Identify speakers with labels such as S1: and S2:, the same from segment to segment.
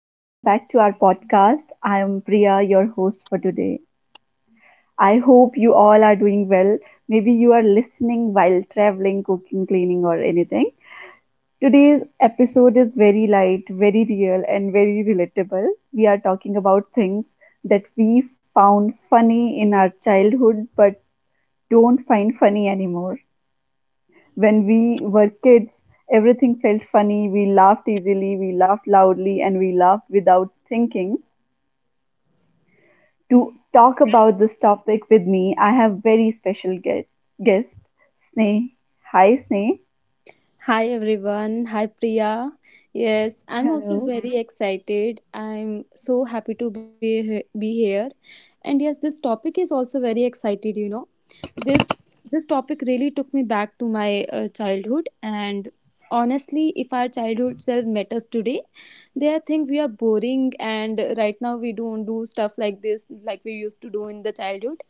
S1: Welcome back to our podcast. I am Priya, your host for today. I hope you all are doing well. Maybe you are listening while traveling, cooking, cleaning, or anything. Today's episode is very light, very real, and very relatable. We are talking about things that we found funny in our childhood but don't find funny anymore. When we were kids, everything felt funny. We laughed easily, we laughed loudly, and we laughed without thinking. To talk about this topic with me, I have very special guest Sneh. Hi, Sneh.
S2: Hi everyone. Hi Priya. Yes, I'm also
S1: Hello.
S2: very excited. I'm so happy to be be here. And yes, this topic is also very excited. This this topic really took me back to my childhood and honestly, if our childhood self met us today, they think we are boring and right now we don't do stuff like this like we used to do in the childhood.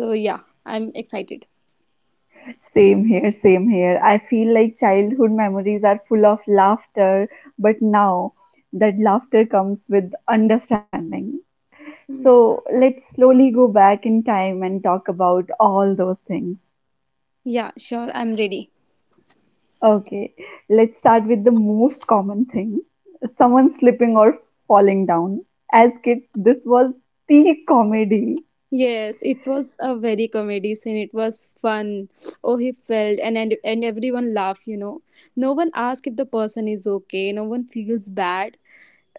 S2: So yeah, I'm excited.
S1: Same here, same here. I feel like childhood memories are full of laughter, but now that laughter comes with understanding. So let's slowly go back in time and talk about all those things.
S2: Yeah, sure, I'm ready.
S1: Okay, let's start with the most common thing, someone slipping or falling down. As kids, this was peak comedy.
S2: Yes, it was a very comedy scene. It was fun. Oh, he felt and everyone laughed. No one asked if the person is okay. No one feels bad.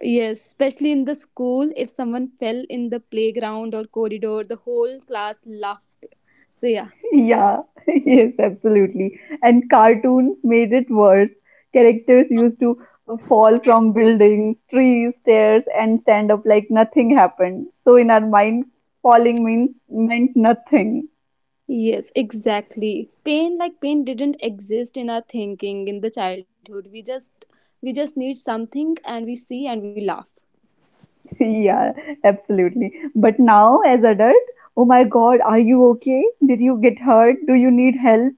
S2: Yes, especially in the school, if someone fell in the playground or corridor, the whole class laughed. So yeah.
S1: Yeah, yes, absolutely. And cartoons made it worse. Characters used to fall from buildings, trees, stairs, and stand up like nothing happened. So in our mind, falling means meant nothing.
S2: Yes, exactly. Pain didn't exist in our thinking in the childhood. We just need something and we see and we laugh.
S1: Yeah, absolutely. But now, as adult, oh my God, are you okay? Did you get hurt? Do you need help?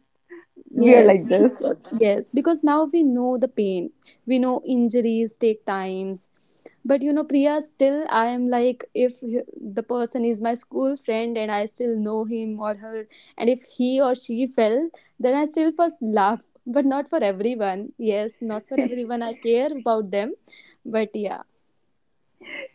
S1: We are
S2: Yes,
S1: like this.
S2: because now we know the pain. We know injuries take times. But you know, Priya, still I am like, if the person is my school friend and I still know him or her, and if he or she fell, then I still first laugh. But not for everyone. Yes, not for everyone. I care about them. But yeah.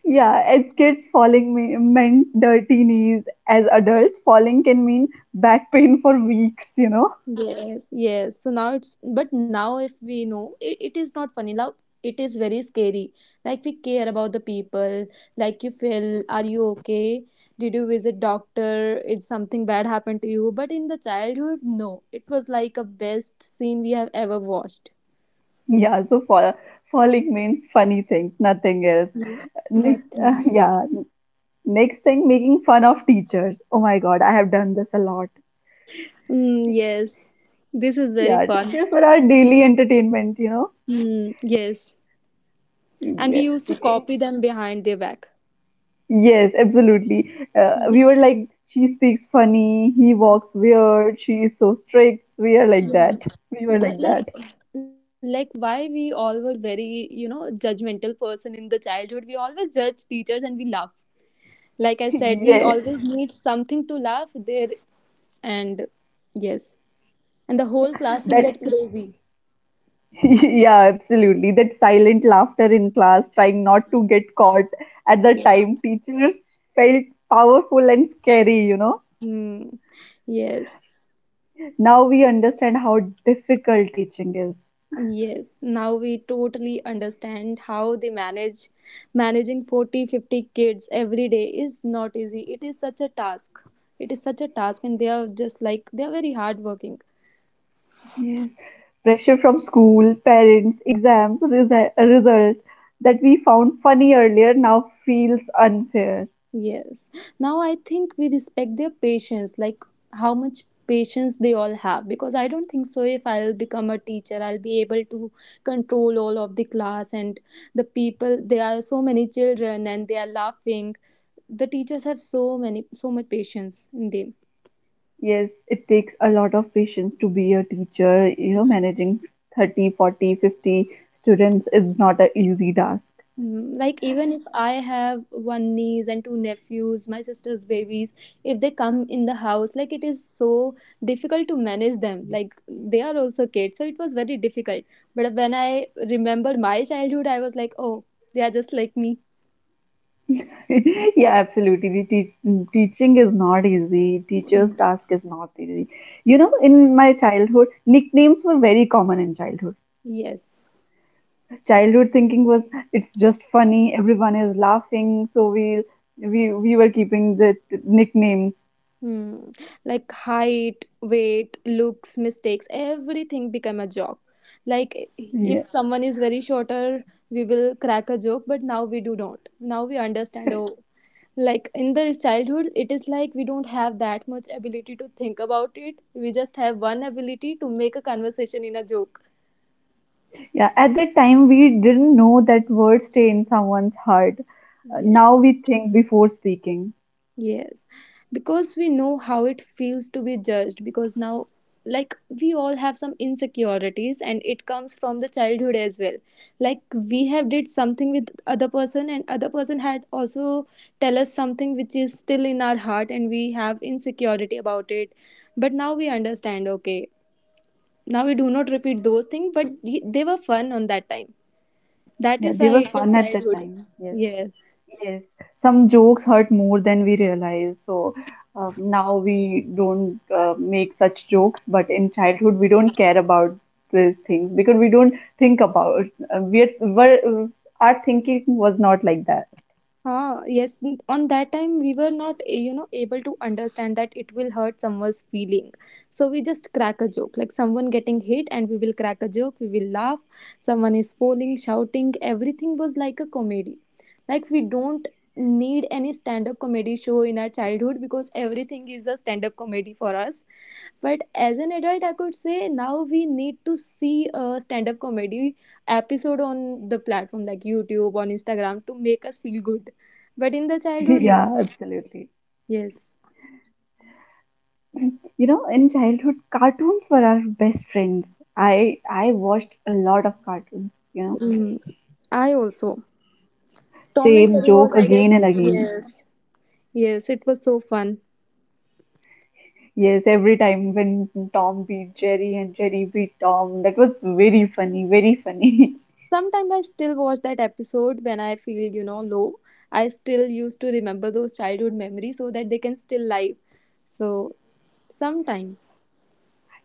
S1: Yeah, as kids, meant dirty knees. As adults, falling can mean back pain for weeks, you know?
S2: Yes, yes. So now but now if we know, it is not funny. Now it is very scary. Like we care about the people. Like you feel, are you okay? Did you visit doctor? Is something bad happened to you? But in the childhood, no. It was like a best scene we have ever watched.
S1: Yeah, so falling means funny things, nothing else. Next,
S2: Nothing.
S1: next thing, making fun of teachers. Oh my God, I have done this a lot.
S2: Mm, yes. This is very
S1: Yeah,
S2: fun.
S1: teachers were our daily entertainment, you know?
S2: Mm, yes. And we
S1: In-
S2: used to copy them behind their back.
S1: Yes, absolutely. We were like, she speaks funny, he walks weird, she is so strict. We are like that.
S2: Mm.
S1: We were
S2: Uh,
S1: like
S2: like
S1: that.
S2: like why we all were very judgmental person in the childhood. We always judge teachers and we laugh. Like I said, we always
S1: Yes,
S2: need something to laugh there. And, yes, and the whole class will
S1: that's
S2: get crazy.
S1: yeah, absolutely. That silent laughter in class, trying not to get caught at the
S2: Yes.
S1: time, teachers felt powerful and scary, you know.
S2: Hmm. Yes.
S1: Now we understand how difficult teaching is.
S2: Yes, now we totally understand how they manage managing 40-50 kids every day is not easy. It is such a task. It is such a task, and they are just like they are very hardworking.
S1: Pressure from school, parents, exams, result that we found funny earlier now feels unfair.
S2: Yes. Now I think we respect their patience, like how much patience they all have. Because I don't think so if I'll become a teacher, I'll be able to control all of the class and the people. There are so many children and they are laughing. The teachers have so many, so much patience in them.
S1: Yes, it takes a lot of patience to be a teacher. You know, managing 30, 40, 50 students is not an easy task.
S2: Like even if I have one niece and two nephews, my sister's babies, if they come in the house, like it is so difficult to manage them. Like they are also kids, so it was very difficult. But when I remember my childhood, I was like, oh, they are just like me.
S1: Yeah, absolutely. The teaching is not easy.
S2: Mm.
S1: Teacher's task is not easy. You know, in my childhood, nicknames were very common in childhood.
S2: Yes.
S1: Childhood thinking was, it's just funny, everyone is laughing, so we were keeping the nicknames.
S2: Hmm. Like height, weight, looks, mistakes, everything become a joke. Like
S1: Yeah.
S2: if someone is very shorter, we will crack a joke, but now we do not. Now we understand. Oh, like in the childhood it is like we don't have that much ability to think about it. We just have one ability to make a conversation in a joke.
S1: Yeah, at that time we didn't know that words stay in someone's heart.
S2: Yes,
S1: Now we think before speaking.
S2: yes, because we know how it feels to be judged. Because now, like, we all have some insecurities and it comes from the childhood as well. Like, we have did something with other person and other person had also tell us something which is still in our heart and we have insecurity about it. But now we understand, okay. Now we do not repeat those things, but they were fun on that time. That
S1: Yeah,
S2: is
S1: they
S2: why
S1: were
S2: it was
S1: fun at that
S2: childhood.
S1: time. Yes.
S2: Yes.
S1: Yes, some jokes hurt more than we realize. So now we don't make such jokes, but in childhood we don't care about these things because we don't think about uh, we are, were, our thinking was not like that.
S2: Ah, yes. On that time, we were not, able to understand that it will hurt someone's feeling. So we just crack a joke, like someone getting hit, and we will crack a joke. We will laugh. Someone is falling, shouting. Everything was like a comedy. Like we don't need any stand-up comedy show in our childhood because everything is a stand-up comedy for us. But as an adult, I could say now we need to see a stand-up comedy episode on the platform like YouTube, on Instagram to make us feel good. But in the childhood, no.
S1: Yeah, absolutely.
S2: Yes.
S1: You know, in childhood, cartoons were our best friends. I watched a lot of cartoons, you know,
S2: Mm, I also. Tom and
S1: same
S2: Jerry was,
S1: joke
S2: I
S1: again
S2: guess.
S1: and again.
S2: Yes. Yes, it was so fun.
S1: Yes, every time when Tom beat Jerry and Jerry beat Tom, that was very funny, very funny.
S2: Sometimes I still watch that episode when I feel low. I still used to remember those childhood memories so that they can still live. So, sometime.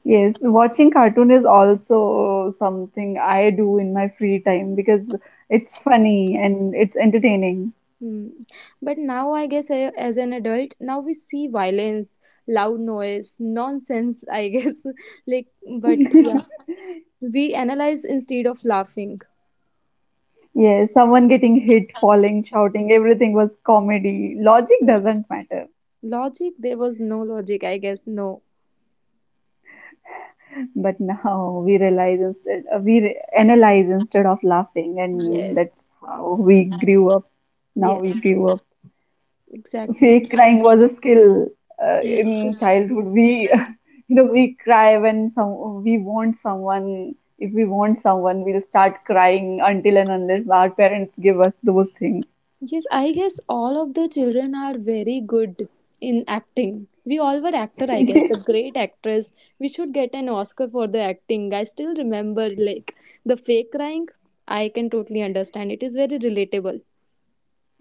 S1: Yes, watching cartoon is also something I do in my free time because it's funny and it's entertaining.
S2: Hmm. But now, I guess, as an adult, now we see violence, loud noise, nonsense, I guess. Like, but yeah, we analyze instead of laughing.
S1: Yes, someone getting hit, falling, shouting, everything was comedy. Logic doesn't matter.
S2: Logic, there was no logic, I guess. No.
S1: But now we realize instead, analyze instead of laughing, and
S2: Yes.
S1: that's how we grew up. Now we
S2: Yes,
S1: grew up.
S2: exactly.
S1: Fake crying was
S2: Because-
S1: a skill
S2: Yes.
S1: in childhood. We, you know, we want someone. If we want someone, we'll start crying until and unless our parents give us those things.
S2: Yes, I guess all of the children are very good in acting. We all were actor, I guess. The great actress. We should get an Oscar for the acting. I still remember like the fake crying. I can totally understand. It is very relatable.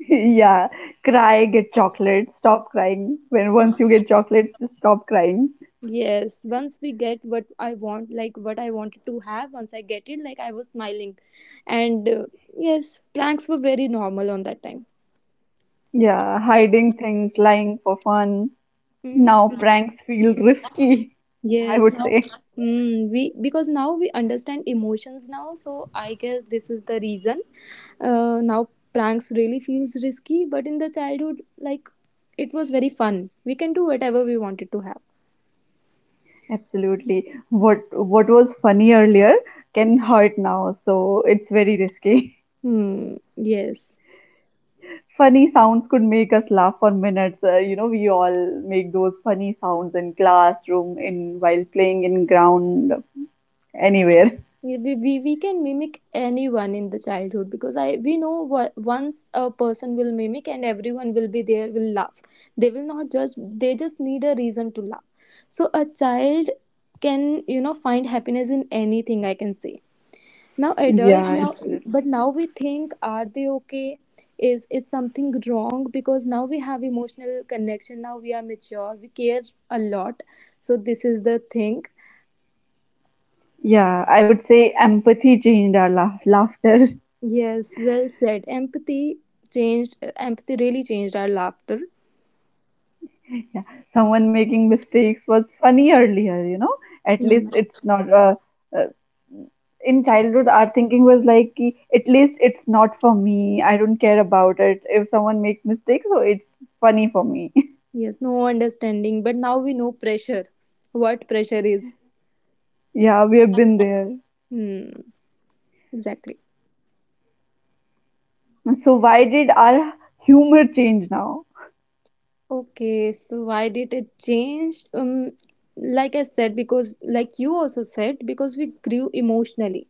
S1: Yeah, cry, get chocolates, stop crying. When once you get chocolates, just stop crying.
S2: Yes, once we get what I want, like what I wanted to have, once I get it, like I was smiling. And yes, pranks were very normal on that time.
S1: Yeah, hiding things, lying for fun.
S2: Mm,
S1: Now pranks feel risky, I
S2: yes,
S1: would
S2: now
S1: say.
S2: we because now we understand emotions now, so I guess this is the reason. Now pranks really feels risky, but in the childhood, like it was very fun. We can do whatever we wanted to have.
S1: Absolutely. What was funny earlier can hurt now, so it's very risky.
S2: Hmm. Yes.
S1: Funny sounds could make us laugh for minutes. You know, we all make those funny sounds in classroom, in while playing in ground, anywhere.
S2: Yeah, we can mimic anyone in the childhood because I we know what once a person will mimic and everyone will be there will laugh. They will not judge, they just need a reason to laugh. So a child can find happiness in anything, I can say. Now adult
S1: Yeah,
S2: now. But
S1: absolutely.
S2: now we think, are they okay? Is something wrong? Because now we have emotional connection. Now we are mature. We care a lot. So this is the thing.
S1: Yeah, I would say empathy changed our laughter.
S2: Yes, well said. Empathy really changed our laughter.
S1: Yeah, someone making mistakes was funny earlier, you know. At
S2: Hmm.
S1: least it's not. Uh, in childhood, our thinking was like, कि at least it's not for me. I don't care about it. If someone makes mistakes, so it's funny for me.
S2: Yes, no understanding, but now we know pressure, what pressure is.
S1: Yeah, we have been there.
S2: Hmm, exactly.
S1: So why did our humor change now?
S2: Okay, so why did it change? Like I said, because like you also said, because we grew emotionally.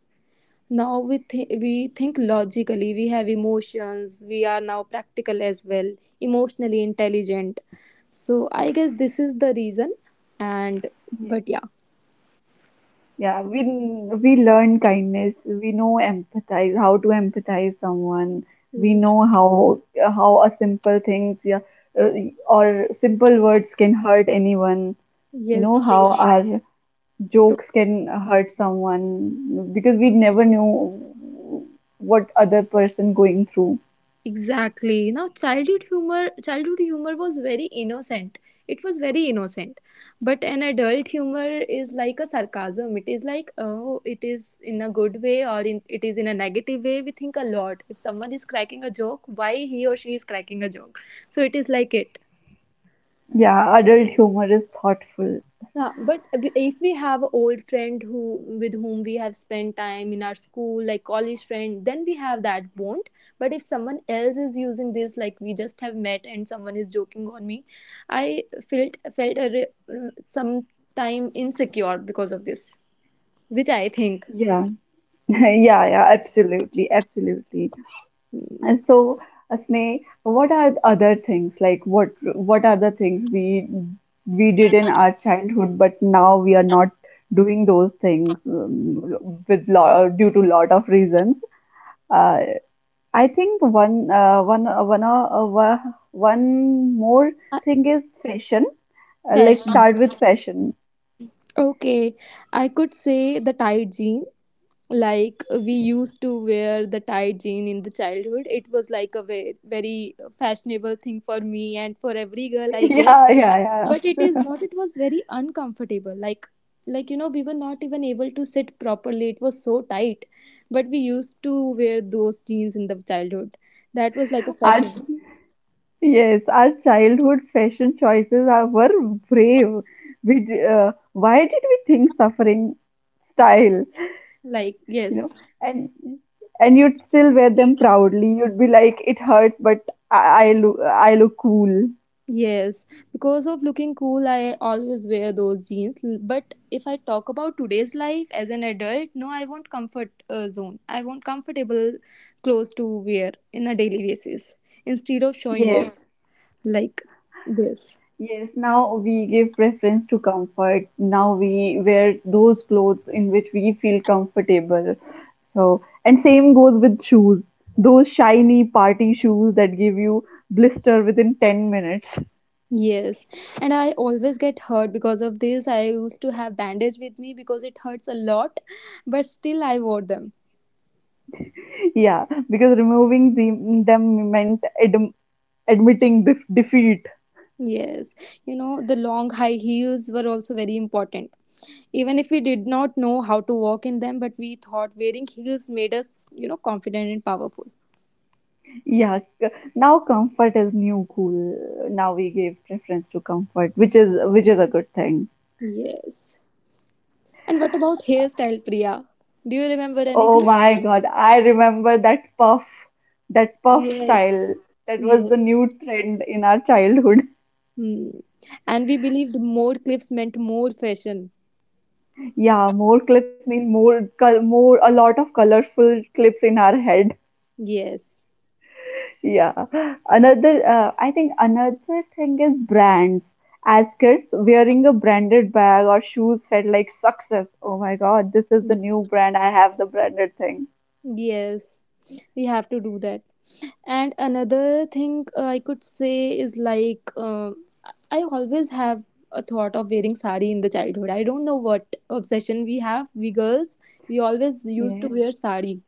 S2: Now we think logically. We have emotions. We are now practical as well, emotionally intelligent. So I guess this is the reason. And
S1: Yeah.
S2: but yeah.
S1: Yeah, we learn kindness. We know empathize, how to empathize someone. We
S2: Yes,
S1: know how a simple things, uh, or simple words can hurt anyone. You
S2: yes,
S1: know how
S2: Priya,
S1: our jokes can hurt someone because we never knew what other person going through.
S2: exactly. You know, childhood humor was very innocent. It was very innocent, but an adult humor is like a sarcasm. It is like, oh, it is in a good way or it is in a negative way. We think a lot. If someone is cracking a joke, why he or she is cracking a joke? So it is like it.
S1: Yeah, adult humor is thoughtful.
S2: Yeah, but if we have an old friend who with whom we have spent time in our school, like college friend, then we have that bond. But if someone else is using this, like we just have met and someone is joking on me, I felt a some time insecure because of this, which I think.
S1: Yeah, yeah, yeah, absolutely, absolutely.
S2: mm,
S1: And so, Sneh, what are the other things like what are the things we did in our childhood, but now we are not doing those things with lot due to lot of reasons. Uh, I think one one one wa- one more
S2: I-
S1: thing is fashion. Let's
S2: Fashion.
S1: start with fashion.
S2: Okay, I could say the tight jean, like we used to wear the tight jean in the childhood. It was like a very, very fashionable thing for me and for every girl, I guess.
S1: Yeah, yeah,
S2: But it is
S1: yeah.
S2: not. It was very uncomfortable, like we were not even able to sit properly. It was so tight, but we used to wear those jeans in the childhood. That was like a
S1: Our
S2: fashion.
S1: Yes, our childhood fashion choices were brave. Why did we think suffering style,
S2: Like,
S1: you
S2: yes.
S1: know? And you'd still wear them proudly. You'd be like, it hurts, but I look cool.
S2: Yes, because of looking cool, I always wear those jeans. But if I talk about today's life as an adult, no, I want comfort zone. I want comfortable clothes to wear in a daily basis instead of showing off.
S1: Yes.
S2: Yeah. Like this.
S1: Yes, now we give preference to comfort. Now we wear those clothes in which we feel comfortable. So, and same goes with shoes. Those shiny party shoes that give you blister within 10 minutes.
S2: Yes, and I always get hurt because of this. I used to have bandage with me because it hurts a lot, but still I wore them.
S1: Yeah, because them meant admitting defeat.
S2: Yes, the long high heels were also very important even if we did not know how to walk in them, but we thought wearing heels made us confident and powerful.
S1: Yeah, c- Now comfort is new cool. Now we give preference to comfort, which is a good thing.
S2: Yes, and what about hairstyle, Priya? Do you remember
S1: Oh
S2: anything?
S1: my God, I remember that that puff
S2: Yes,
S1: style. That was the
S2: yes.
S1: new trend in our childhood.
S2: Hmm. And we believed more clips meant more fashion.
S1: Yeah, more clips mean a lot of colorful clips in our head.
S2: Yes.
S1: Yeah. Another, I think another thing is brands. As kids, wearing a branded bag or shoes felt like success. Oh my God, this is the new brand. I have the branded thing.
S2: Yes, we have to do that. And another thing, I could say, is like I always have a thought of wearing sari in the childhood. I don't know what obsession we have, we girls, we always used to
S1: Yeah.
S2: wear sari.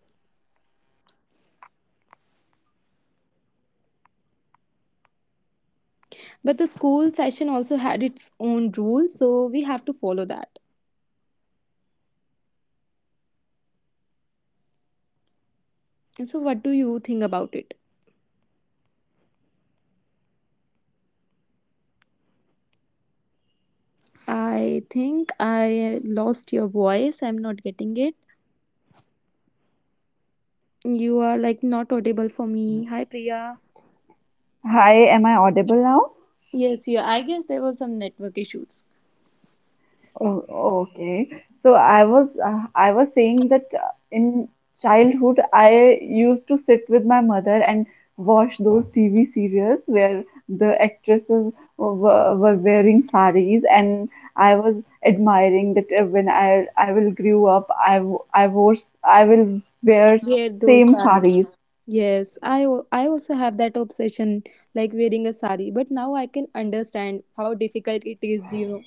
S2: But the school fashion also had its own rules, so we have to follow that. So what do you think about it? I think I lost your voice. I'm not getting it. You are like not audible for me. Hi, Priya.
S1: Hi, am I audible now?
S2: Yes. Yeah, I guess there was some network issues.
S1: Oh, okay. So I was saying that in childhood I used to sit with my mother and watch those TV serials where the actresses were wearing saris and I was admiring that when I will grow up I w- I wore I will wear
S2: Wear those
S1: same
S2: sarees.
S1: saris.
S2: Yes, I also have that obsession like wearing a sari, but now I can understand how difficult it is.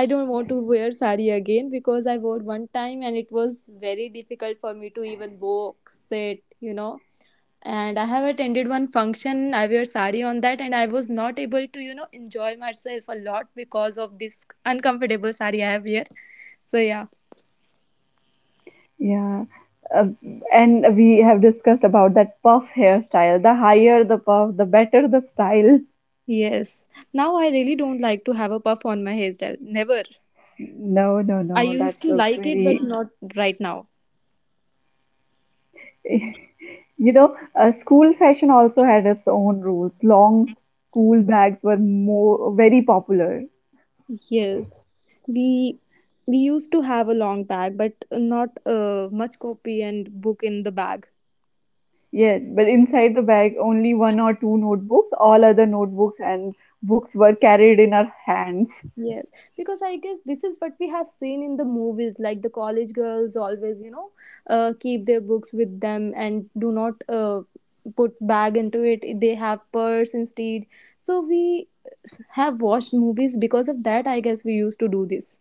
S2: I don't want to wear sari again because I wore one time and it was very difficult for me to even walk, sit. And I have attended one function, I wear sari on that and I was not able to enjoy myself a lot because of this uncomfortable sari I have here. So yeah.
S1: Yeah. Uh, and we have discussed about that puff hairstyle. The higher the puff, the better the style.
S2: Yes. Now I really don't like to have a puff on my hairstyle. Never.
S1: No, no,
S2: I
S1: no.
S2: used
S1: That's
S2: to
S1: look
S2: like it, but
S1: very.
S2: not right now.
S1: You know, school fashion also had its own rules. Long school bags were more very popular.
S2: Yes, we we used to have a long bag, but not much copy and book in the bag.
S1: Yeah, but inside the bag, only one or two notebooks. All other notebooks and books were carried in our hands.
S2: Yes, because I guess this is what we have seen in the movies, like the college girls always keep their books with them and do not put bag into it. They have purse instead. So we have watched movies because of that. I guess we used to do this.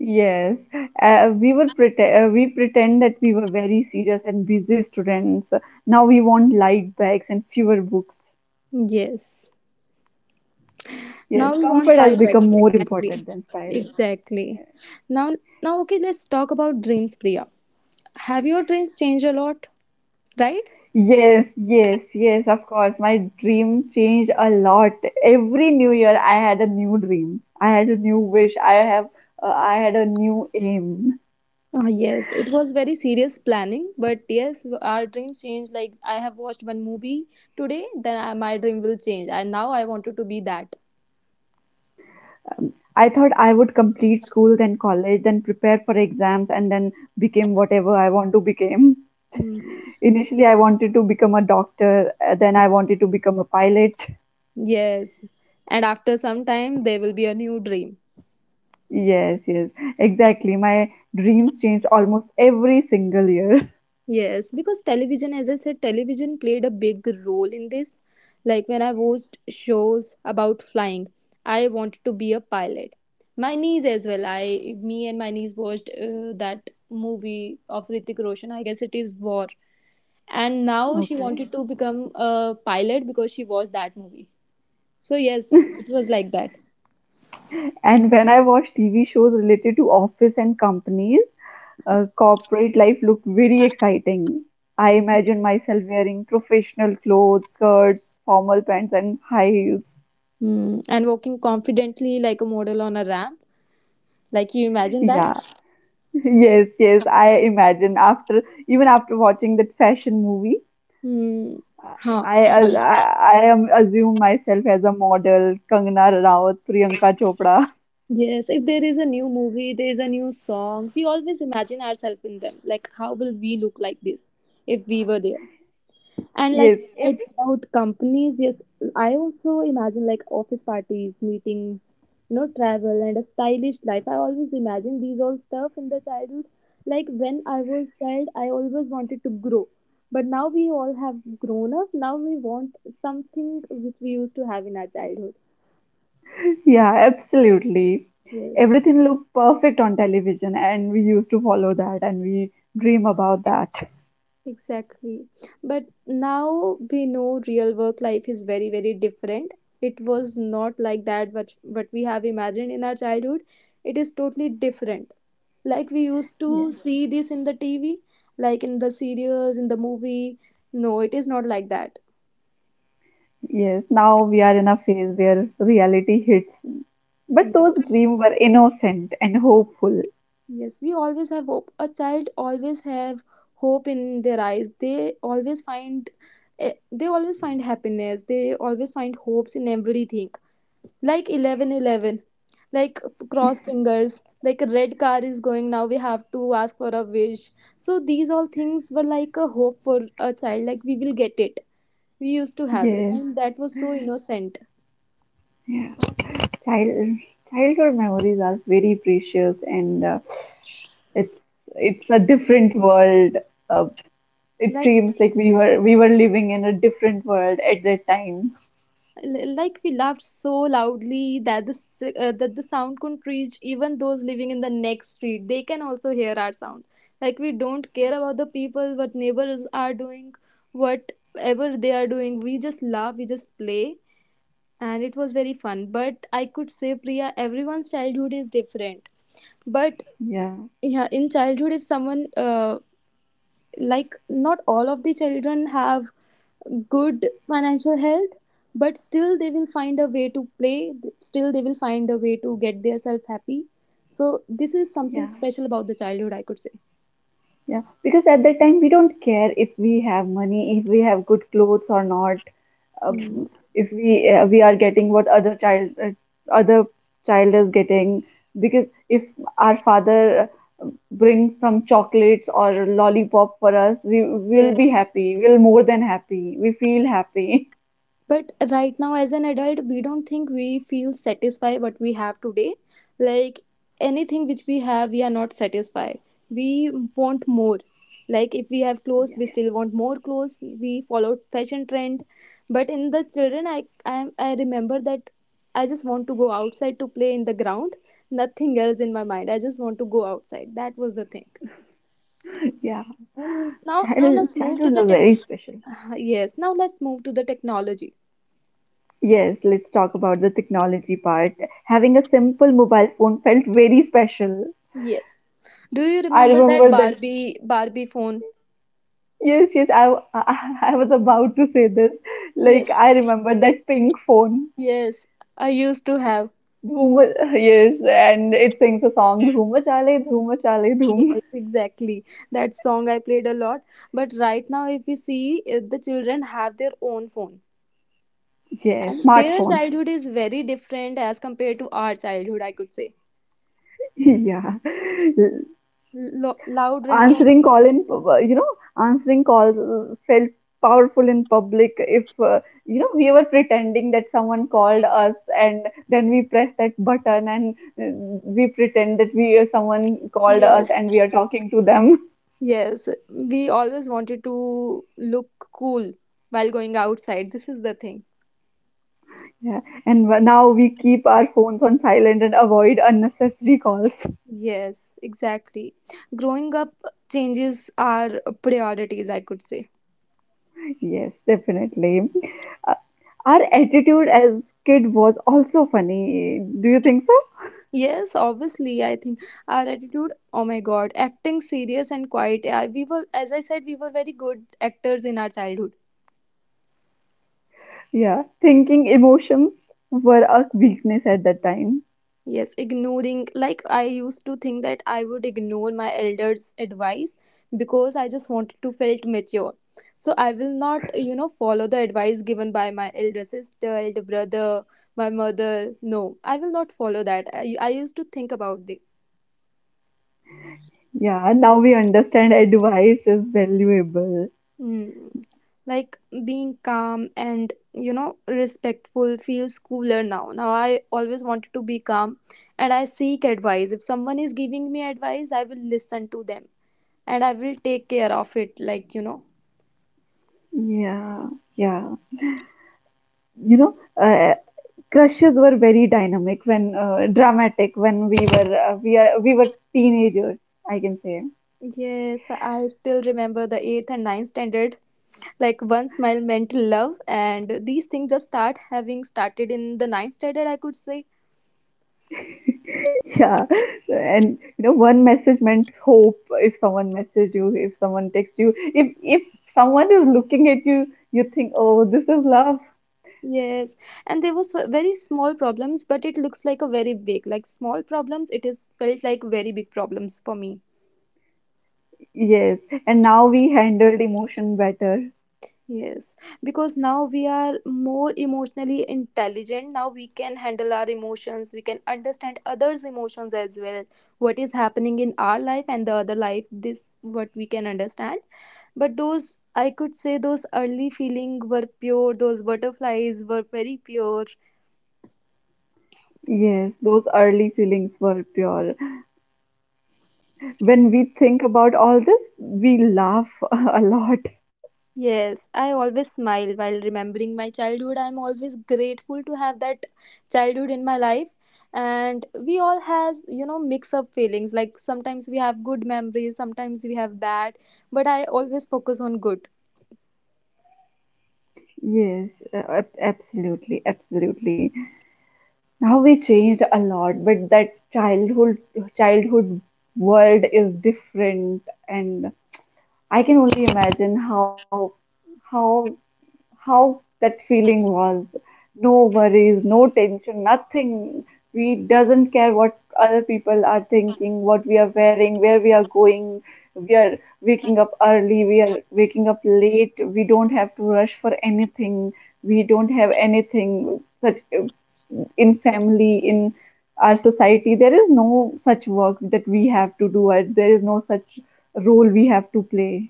S1: Yes, we pretend that we were very serious and busy students. Now we want light bags and fewer books.
S2: Yes. Now
S1: Yes,
S2: we
S1: comfort
S2: want
S1: has
S2: light
S1: become
S2: bags.
S1: more important
S2: Exactly.
S1: than style.
S2: Exactly. Now, okay, let's talk about dreams, Priya. Have your dreams changed a lot, right?
S1: Yes, yes, yes, of course. My dream changed a lot. Every new year, I had a new dream. I had a new wish. I had a new aim.
S2: Ah yes, it was very serious planning, but yes, our dreams change. Like I have watched one movie today, then my dream will change, and now I wanted to be that.
S1: I thought I would complete school, then college, then prepare for exams, and then become whatever I want to become.
S2: Hmm.
S1: Initially, I wanted to become a doctor, then I wanted to become a pilot.
S2: Yes, and after some time there will be a new dream.
S1: Yes, yes, exactly. My dreams changed almost every single year.
S2: Yes, because television, as I said, television played a big role in this. Like when I watched shows about flying, I wanted to be a pilot. My niece as well. Me and my niece watched that movie of Ritik Roshan. I guess it is War, and now she
S1: Okay.
S2: wanted to become a pilot because she watched that movie. So yes, it was like that.
S1: And when I watched TV shows related to office and companies, corporate life looked very exciting. I imagine myself wearing professional clothes, skirts, formal pants, and high heels.
S2: Hmm. And walking confidently like a model on a ramp. Like you imagine that?
S1: Yeah, yes, yes. I imagine after even after watching that fashion movie,
S2: Hmm. Huh.
S1: I am assume myself as a model, Kangana Ranaut, Priyanka Chopra.
S2: Yes, if there is a new movie, there is a new song, we always imagine ourselves in them. Like, how will we look like this if we were there? And like
S1: Yes,
S2: you said
S1: if
S2: about companies, yes, I also imagine like office parties, meetings, travel and a stylish life. I always imagine these all stuff in the childhood. Like when I was child, I always wanted to grow. But now we all have grown up. Now we want something which we used to have in our childhood.
S1: Yeah, absolutely.
S2: Yes.
S1: Everything looked perfect on television, and we used to follow that and we dream about that.
S2: Exactly. But now we know real work life is very, very different. It was not like that what we have imagined in our childhood. It is totally different. Like we used
S1: Yeah.
S2: to see this in the TV, like in the serials, in the movie. No, it is not like that.
S1: Yes, now we are in a phase where reality hits. But
S2: Yes.
S1: those dreams were innocent and hopeful.
S2: Yes, we always have hope. A child always have hope in their eyes. They always find happiness. They always find hopes in everything. Like 11:11, cross fingers, like a red car is going, now we have to ask for a wish. So these all things were like a hope for a child, like we will get it. We used to have it,
S1: Yes.
S2: and that was so innocent.
S1: Yeah. Child, Childhood memories are very precious, and it's it's a different world. Uh, it
S2: like
S1: seems like we were living in a different world at that time.
S2: l- like we laughed so loudly that the sound couldn't reach even those living in the next street, they can also hear our sound. Like we don't care about the people, what neighbors are doing, whatever they are doing, we just laugh, we just play. And it was very fun. But I could say, Priya, everyone's childhood is different. But
S1: Yeah.
S2: yeah, in childhood, if someone like not all of the children have good financial health, but still they will find a way to play. Still they will find a way to get themselves happy. So this is something
S1: Yeah.
S2: special about the childhood, I could say.
S1: Yeah, because at that time we don't care if we have money, if we have good clothes or not,
S2: Hmm.
S1: um, if we we are getting what other child is getting. Because if our father brings some chocolates or lollipop for us, we will be happy. We'll more than happy. We feel happy.
S2: But right now as an adult, we don't think we feel satisfied what we have today. Like anything which we have, we are not satisfied. We want more. Like if we have clothes, we still want more clothes. We follow fashion trend. But in the children, I remember that, I just want to go outside to play in the ground, nothing else in my mind, I just want to go outside, that was the thing.
S1: Yeah, yeah.
S2: Now let's move to
S1: Childhood
S2: the
S1: was
S2: tech.
S1: very special.
S2: Yes, now let's move to the technology.
S1: Yes, let's talk about the technology part. Having a simple mobile phone felt very special.
S2: Yes. Do you
S1: I
S2: remember that
S1: remember that.
S2: Barbie phone?
S1: Yes, yes, I was about to say this. Like,
S2: Yes,
S1: I remember that pink phone.
S2: yes, I used to have.
S1: Dhoom, yes, and it sings a song, Dhoom Chale, Dhoom Chale, Dhoom.
S2: Yes, exactly. That song I played a lot. But right now, if we see, the children have their own phone,
S1: Yes,
S2: and their
S1: smartphones.
S2: childhood is very different as compared to our childhood, I could say.
S1: Yeah.
S2: Loud ringtone.
S1: Answering call in, you know, Answering calls felt powerful in public if, you know, we were pretending that someone called us and then we press that button and we pretend that we someone called us
S2: Yes,
S1: and we are talking to them.
S2: yes. We always wanted to look cool while going outside. This is the thing.
S1: Yeah, Now we keep our phones on silent and avoid unnecessary calls.
S2: Yes, exactly. Growing up changes our priorities, I could say.
S1: Yes, definitely. Uh, our attitude as kid was also funny. Do you think so?
S2: Yes, obviously, I think our attitude, oh my god, acting serious and quiet. Yeah, we were, as I said, we were very good actors in our childhood.
S1: Yeah, thinking emotions were a weakness at that time.
S2: Yes, ignoring, like I used to think that I would ignore my elders' advice because I just wanted to felt mature. So I will not follow the advice given by my elder sister, elder brother, my mother. No, I will not follow that. I used to think about it.
S1: Yeah, and now we understand advice is valuable.
S2: Mm. Like being calm and respectful feels cooler now. Now I always wanted to be calm and I seek advice. If someone is giving me advice, I will listen to them and I will take care of it. Like,
S1: Yeah, yeah. You know, uh, crushes were very dynamic when dramatic when we were teenagers. I can say.
S2: yes, I still remember the eighth and ninth standard. Like, one smile meant love, and these things just started in the ninth standard, I could say.
S1: Yeah, and you know, one message meant hope. If someone messaged you, if someone texts you, if someone is looking at you, you think, oh, this is love.
S2: Yes, and there were so very small problems, but it looks like a very big, like small problems, it is felt like very big problems for me.
S1: Yes, and now we handled emotion better.
S2: Yes, because now we are more emotionally intelligent. Now we can handle our emotions. We can understand others' emotions as well. What is happening in our life and the other life, this what we can understand. But those, I could say, those early feeling were pure. Those butterflies were very pure.
S1: Yes, those early feelings were pure. When we think about all this, we laugh a lot.
S2: Yes, I always smile while remembering my childhood. I'm always grateful to have that childhood in my life. And we all has mix up feelings. Like sometimes we have good memories, sometimes we have bad, but I always focus on good.
S1: Absolutely, absolutely. Now we changed a lot, but that childhood world is different and I can only imagine how how that feeling was. No worries, no tension, nothing. We doesn't care what other people are thinking, what we are wearing, where we are going. We are waking up early, we are waking up late. We don't have to rush for anything. We don't have anything such in family, in our society. There is no such work that we have to do. There is no such role we have to play.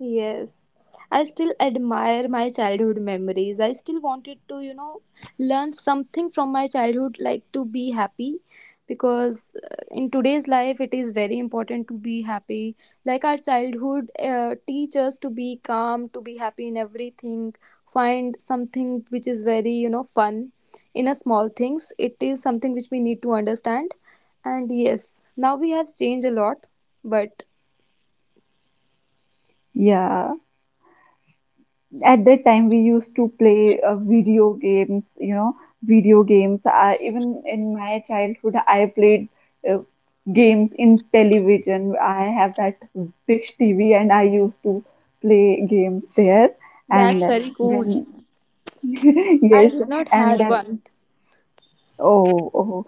S2: Yes, I still admire my childhood memories. I still wanted to learn something from my childhood, like to be happy, because in today's life it is very important to be happy. Like our childhood teach us to be calm, to be happy in everything. Find something which is very fun in a small things. It is something which we need to understand. And yes, now we have changed a lot, but
S1: Yeah, at that time we used to play video games. Even in my childhood, I played uh, games in television. I have that big TV and I used to play games there.
S2: that's
S1: And
S2: very cool.
S1: then,
S2: I
S1: yes,
S2: did not
S1: and
S2: had
S1: then,
S2: one.
S1: oh, oh,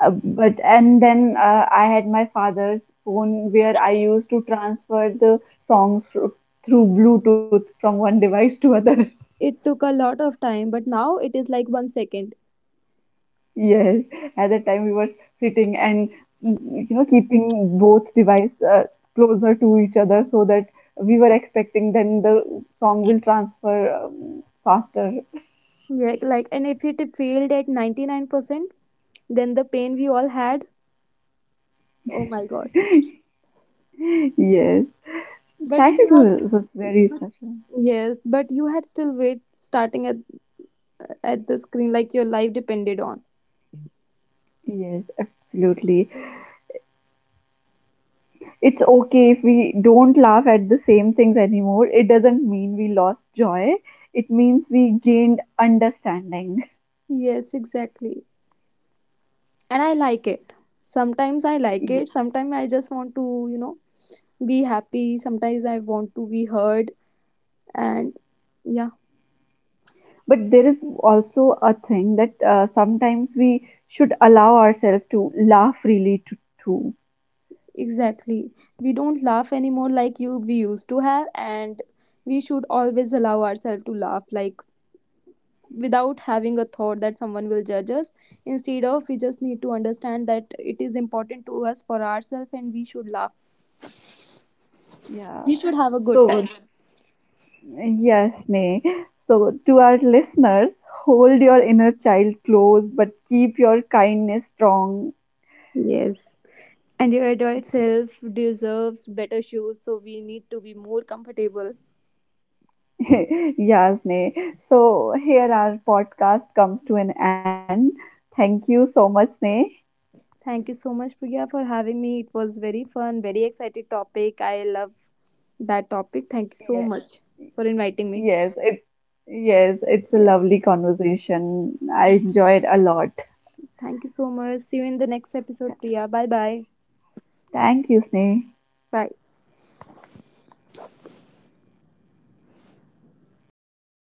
S1: and then I had my father's phone where I used to transfer the songs through Bluetooth from one device to other.
S2: It took a lot of time, but now it is like 1 second.
S1: Yes, at that time we were sitting and mm, you know, keeping both device closer to each other so that we were expecting then the song will transfer faster.
S2: Yeah, like and if it failed at 99%, then the pain we all had. Oh my god!
S1: Yes,
S2: But you
S1: childhood
S2: had
S1: was very
S2: but-
S1: special.
S2: yes, but you had still wait starting at the screen like your life depended on.
S1: Yes, absolutely. It's okay if we don't laugh at the same things anymore. It doesn't mean we lost joy. It means we gained understanding.
S2: Yes, exactly. And I like it. Sometimes I like it. Sometimes I just want to be happy. Sometimes I want to be heard. And yeah,
S1: But there is also a thing that sometimes we should allow ourselves to laugh freely too.
S2: exactly. We don't laugh anymore like you we used to have and we should always allow ourselves to laugh like without having a thought that someone will judge us. Instead of we just need to understand that it is important to us for ourselves and we should laugh.
S1: Yeah.
S2: We should have a good time.
S1: So, yes, Nay. So, to our listeners, hold your inner child close, but keep your kindness strong.
S2: Yes. And your adult self deserves better shoes, so we need to be more comfortable.
S1: Yeah, Sneh. So here our podcast comes to an end. Thank you so much, Sneh.
S2: Thank you so much, Priya, for having me. It was very fun, very excited topic. I love that topic. Thank you
S1: Yeah,
S2: so much for inviting me.
S1: yes, it yes, it's a
S2: Yeah.
S1: lovely conversation. I enjoyed a lot.
S2: Thank you so much. See you in the next episode, Priya. Bye bye.
S1: Thank you, Sneh.
S2: Bye.